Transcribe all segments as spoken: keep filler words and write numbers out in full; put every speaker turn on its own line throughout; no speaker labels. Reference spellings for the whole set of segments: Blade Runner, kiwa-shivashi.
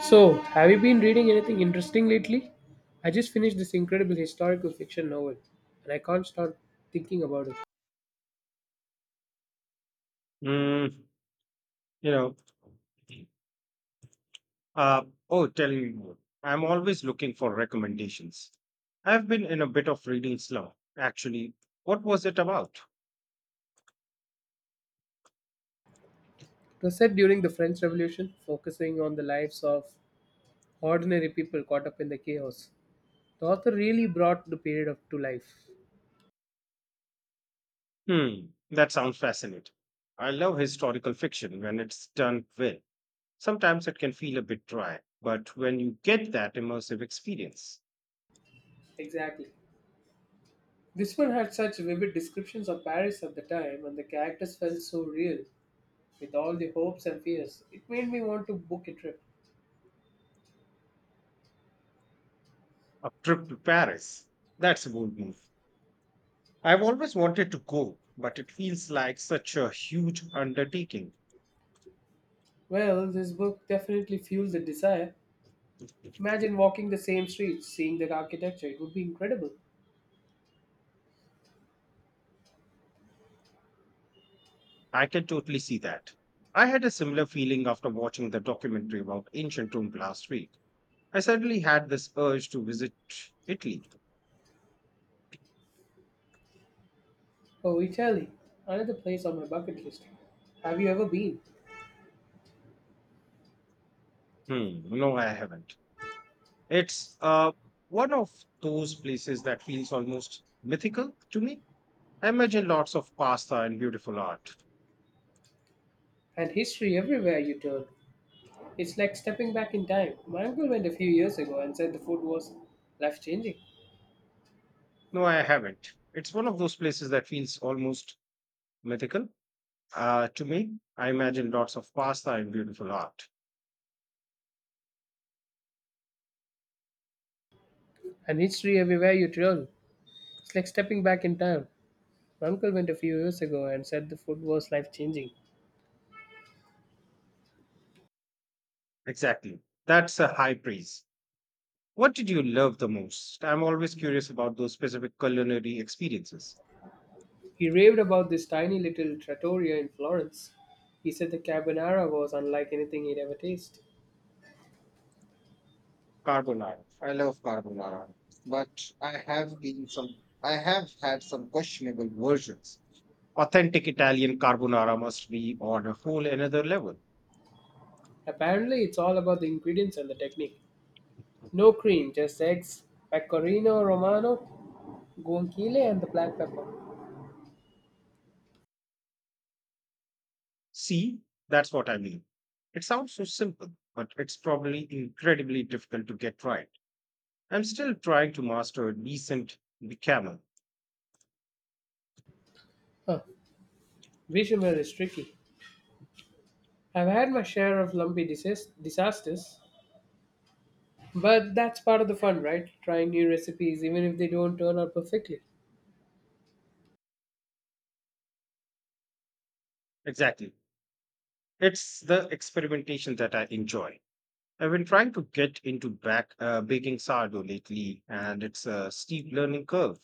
So, have you been reading anything interesting lately? I just finished this incredible historical fiction novel, and I can't stop thinking about it.
Mm, you know, uh, oh, tell me more. I'm always looking for recommendations. I've been in a bit of reading slump, actually. What was it about?
It was set during the French Revolution, focusing on the lives of ordinary people caught up in the chaos. The author really brought the period of, to life.
Hmm, that sounds fascinating. I love historical fiction when it's done well. Sometimes it can feel a bit dry, but when you get that immersive experience,
Exactly. This one had such vivid descriptions of Paris at the time, and the characters felt so real, with all the hopes and fears. It made me want to book a trip.
a trip to Paris, that's a bold move. I've always wanted to go, but it feels like such a huge undertaking.
Well, this book definitely fueled the desire. Imagine walking the same streets, seeing that architecture. It would be incredible.
I can totally see that. I had a similar feeling after watching the documentary about ancient Rome last week. I suddenly had this urge to visit Italy.
Oh, Italy, another place on my bucket list. Have you ever been?
Hmm, no, I haven't. It's uh, one of those places that feels almost mythical to me. I imagine lots of pasta and beautiful art.
And history everywhere you turn. It's like stepping back in time. My uncle went a few years ago and said the food was life changing.
No, I haven't. It's one of those places that feels almost mythical uh, to me. I imagine lots of pasta and beautiful art.
And history everywhere you turn. It's like stepping back in time. My uncle went a few years ago and said the food was life changing.
Exactly. That's a high praise. What did you love the most? I'm always curious about those specific culinary experiences.
He raved about this tiny little trattoria in Florence. He said the carbonara was unlike anything he'd ever tasted.
Carbonara. I love carbonara, but I have been some. I have had some questionable versions. Authentic Italian carbonara must be on a whole another level.
Apparently, it's all about the ingredients and the technique. No cream, just eggs, pecorino romano, guanciale, and the black pepper.
See, that's what I mean. It sounds so simple, but it's probably incredibly difficult to get right. I'm still trying to master a decent bechamel.
Huh, bechamel is tricky. I've had my share of lumpy disas- disasters, but that's part of the fun, right? Trying new recipes, even if they don't turn out perfectly.
Exactly. It's the experimentation that I enjoy. I've been trying to get into back uh, baking sourdough lately, and it's a steep learning curve.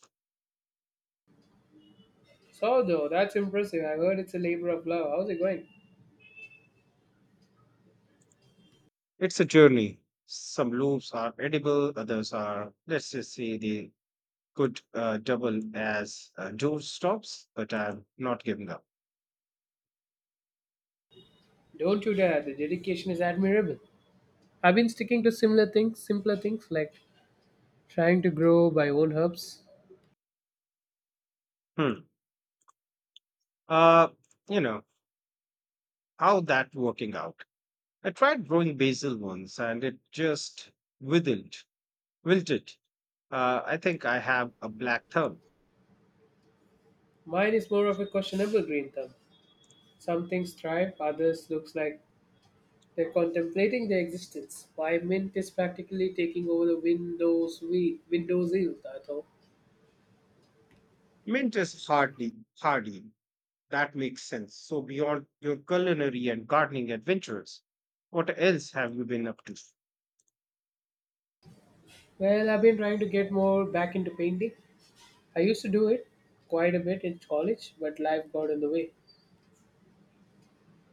So, though, that's impressive. I heard it's a labor of love. How's it going?
It's a journey. Some loaves are edible, others are, let's just say, they could uh, double as uh, doorstops, but I'm not giving up.
Don't you dare. The dedication is admirable. I've been sticking to similar things, simpler things, like trying to grow my own herbs.
Hmm. Uh, you know how that working out? I tried growing basil once, and it just withered, wilted. Uh, I think I have a black thumb.
Mine is more of a questionable green thumb. Some things thrive, others looks like they're contemplating their existence. My mint is practically taking over the Windows we Windows ill, I thought.
Mint is hardly hardy. That makes sense. So, beyond your culinary and gardening adventures, what else have you been up to?
Well, I've been trying to get more back into painting. I used to do it quite a bit in college, but life got in the way.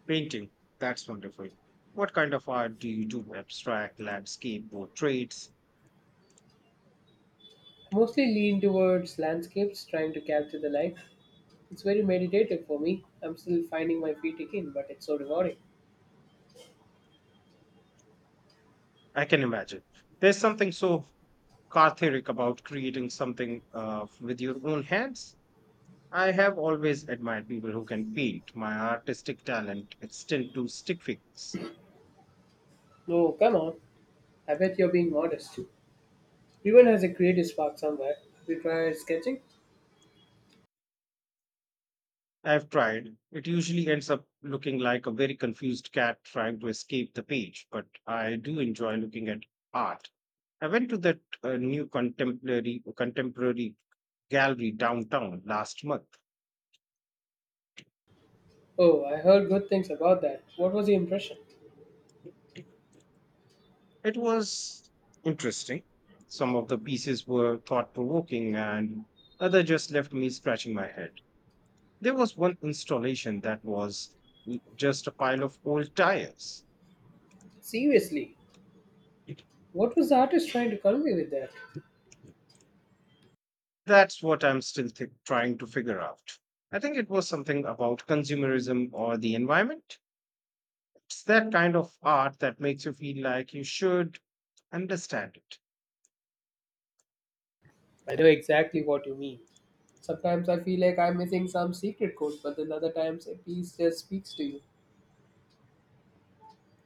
Painting. That's wonderful. What kind of art do you do? Abstract, landscape, portraits?
I mostly lean towards landscapes, trying to capture the light. It's very meditative for me. I'm still finding my feet again, but it's so rewarding.
I can imagine. There's something so cathartic about creating something uh, with your own hands. I have always admired people who can paint. My artistic talent extends to stick figures.
No, come on. I bet you're being modest. Everyone has a creative spark somewhere. We try sketching?
I've tried. It usually ends up looking like a very confused cat trying to escape the page, but I do enjoy looking at art. I went to that uh, new contemporary contemporary gallery downtown last month.
Oh, I heard good things about that. What was the impression?
It was interesting. Some of the pieces were thought-provoking and other just left me scratching my head. There was one installation that was just a pile of old tires.
Seriously, what was the artist trying to convey with that?
That's what I'm still thi- Trying to figure out. I think it was something about consumerism or the environment. It's that kind of art that makes you feel like you should understand it.
I know exactly what you mean. Sometimes I feel like I'm missing some secret code, but then other times a piece just speaks to you.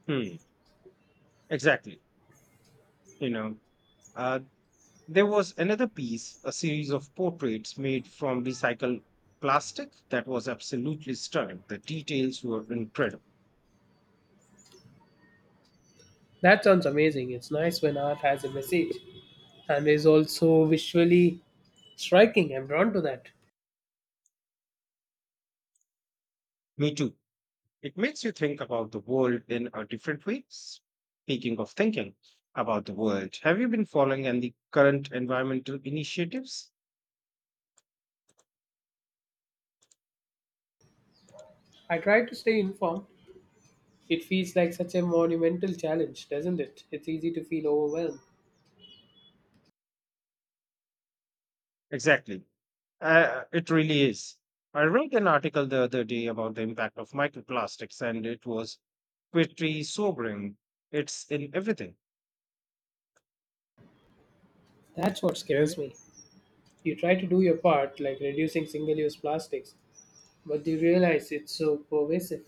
Hmm, exactly. You know, uh, there was another piece, a series of portraits made from recycled plastic that was absolutely stunning. The details were incredible.
That sounds amazing. It's nice when art has a message and is also visually striking. I'm drawn to that.
Me too. It makes you think about the world in a different way. Speaking of thinking about the world, have you been following and the current environmental initiatives?
I try to stay informed. It feels like such a monumental challenge, doesn't it? It's easy to feel overwhelmed.
Exactly. Uh, it really is. I read an article the other day about the impact of microplastics, and it was pretty sobering. It's in everything.
That's what scares me. You try to do your part, like reducing single use plastics, but you realize it's so pervasive.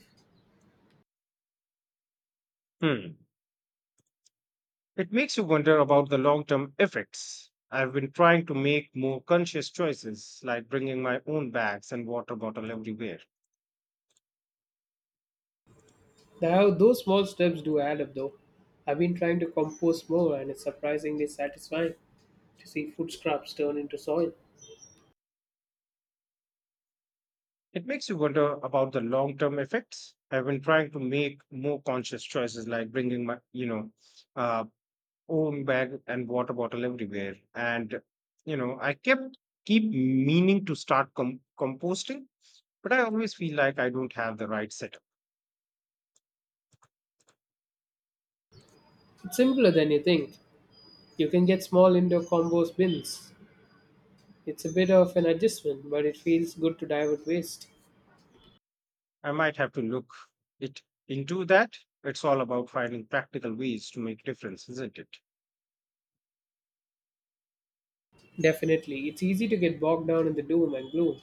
Hmm. It makes you wonder about the long term effects. I've been trying to make more conscious choices, like bringing my own bags and water bottle everywhere.
Now, those small steps do add up though. I've been trying to compost more, and it's surprisingly satisfying to see food scraps turn into soil.
It makes you wonder about the long term effects. I've been trying to make more conscious choices like bringing my, you know, uh, own bag and water bottle everywhere. And, you know, I kept keep meaning to start com- composting, but I always feel like I don't have the right setup.
It's simpler than you think. You can get small indoor compost bins. It's a bit of an adjustment, but it feels good to divert waste.
I might have to look it into that. It's all about finding practical ways to make difference, isn't it?
Definitely, it's easy to get bogged down in the doom and gloom,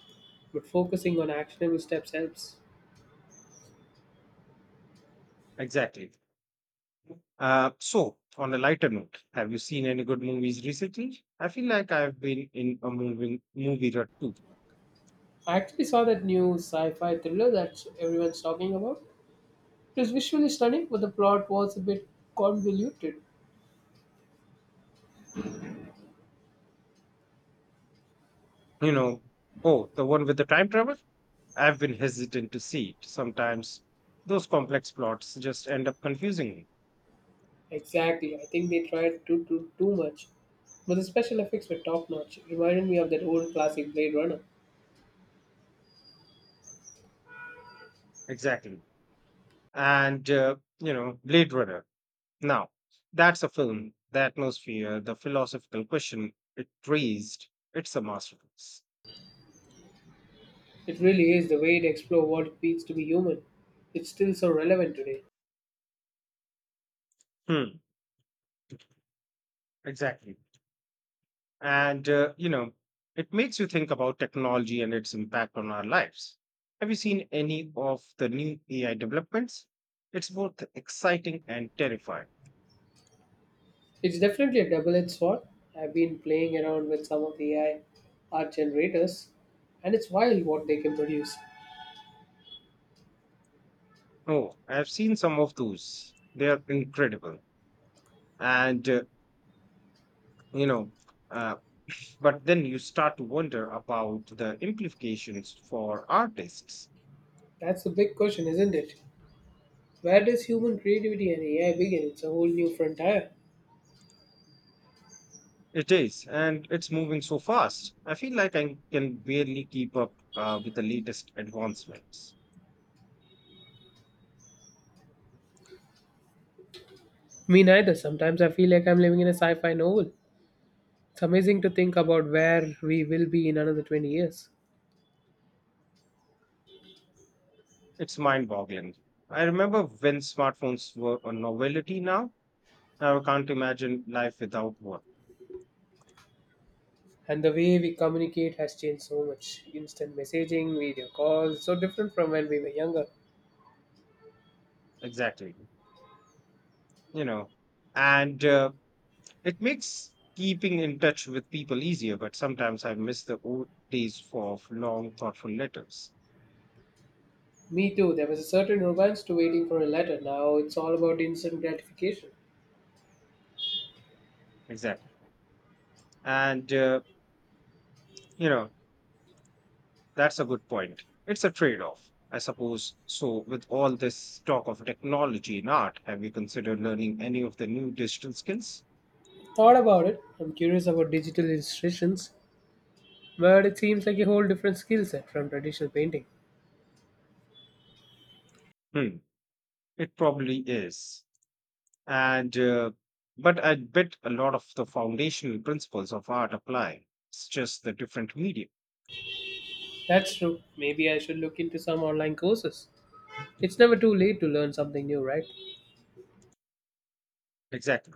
but focusing on actionable steps helps.
Exactly. Uh, so, on a lighter note, have you seen any good movies recently? I feel like I've been in a moving movie rut too.
I actually saw that new sci-fi thriller that everyone's talking about. It was visually stunning, but the plot was a bit convoluted.
You know, oh, the one with the time travel. I've been hesitant to see it. Sometimes those complex plots just end up confusing me.
Exactly, I think they tried to do too much, but the special effects were top-notch. It reminded me of that old classic Blade Runner.
Exactly. And uh, you know, Blade Runner. Now, that's a film. The atmosphere, the philosophical question it raised. It's a masterpiece.
It really is the way to explore what it means to be human. It's still so relevant today.
Hmm. Exactly. And, uh, you know, it makes you think about technology and its impact on our lives. Have you seen any of the new A I developments? It's both exciting and terrifying.
It's definitely a double-edged sword. I've been playing around with some of the A I art generators, and it's wild what they can produce.
Oh, I've seen some of those. They are incredible. And, uh, you know, uh, but then you start to wonder about the implications for artists.
That's the big question, isn't it? Where does human creativity and A I begin? It's a whole new frontier.
It is, and it's moving so fast. I feel like I can barely keep up uh, with the latest advancements.
Me neither. Sometimes I feel like I'm living in a sci fi novel. It's amazing to think about where we will be in another twenty years.
It's mind boggling. I remember when smartphones were a novelty now. Now I can't imagine life without one.
And the way we communicate has changed so much. Instant messaging, video calls, so different from when we were younger.
Exactly. You know, and uh, It makes keeping in touch with people easier, but sometimes I miss the old days for of long, thoughtful letters.
Me too. There was a certain romance to waiting for a letter. Now it's all about instant gratification.
Exactly. And, uh, you know, that's a good point. It's a trade off, I suppose. So, with all this talk of technology and art, have you considered learning any of the new digital skills?
Thought about it. I'm curious about digital illustrations, but it seems like a whole different skill set from traditional painting.
Hmm. It probably is. And uh, But I bet a lot of the foundational principles of art apply. It's just the different medium.
That's true. Maybe I should look into some online courses. It's never too late to learn something new, right?
Exactly.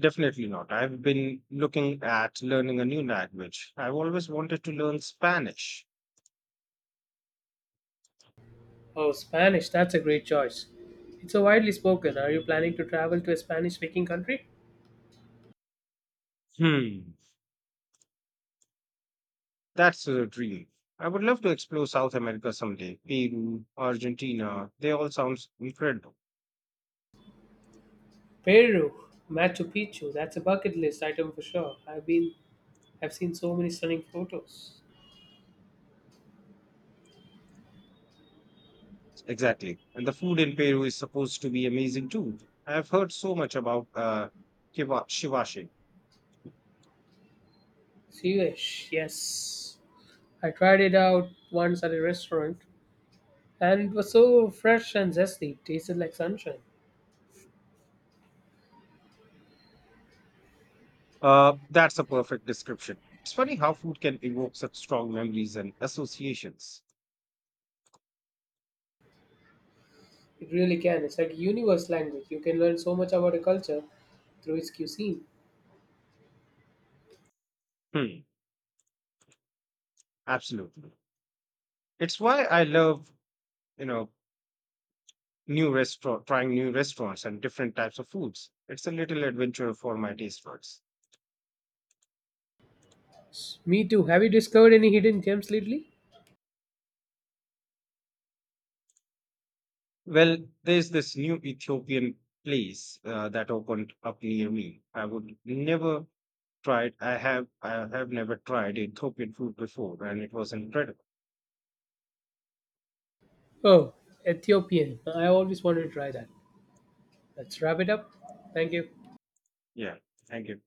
Definitely not. I've been looking at learning a new language. I've always wanted to learn Spanish.
Oh, Spanish, that's a great choice. It's so widely spoken. Are you planning to travel to a Spanish speaking country?
hmm that's a dream. I would love to explore South America someday. Peru, Argentina, they all sounds incredible.
Peru, Machu Picchu, that's a bucket list item for sure. I've been I've seen so many stunning photos.
Exactly. And the food in Peru is supposed to be amazing too. I've heard so much about uh kiwa- shivashi.
Siwish, yes. I tried it out once at a restaurant and it was so fresh and zesty, tasted like sunshine.
Uh, that's a perfect description. It's funny how food can evoke such strong memories and associations.
It really can. It's like a universe language. You can learn so much about a culture through its cuisine.
Hmm, absolutely. It's why I love, you know, new restaurant, trying new restaurants and different types of foods. It's a little adventure for my taste buds.
Me too. Have you discovered any hidden gems lately?
Well, there's this new Ethiopian place uh, that opened up near me. I would never tried. I have, I have never tried Ethiopian food before, and it was incredible.
Oh, Ethiopian. I always wanted to try that. Let's wrap it up. Thank you.
Yeah. Thank you.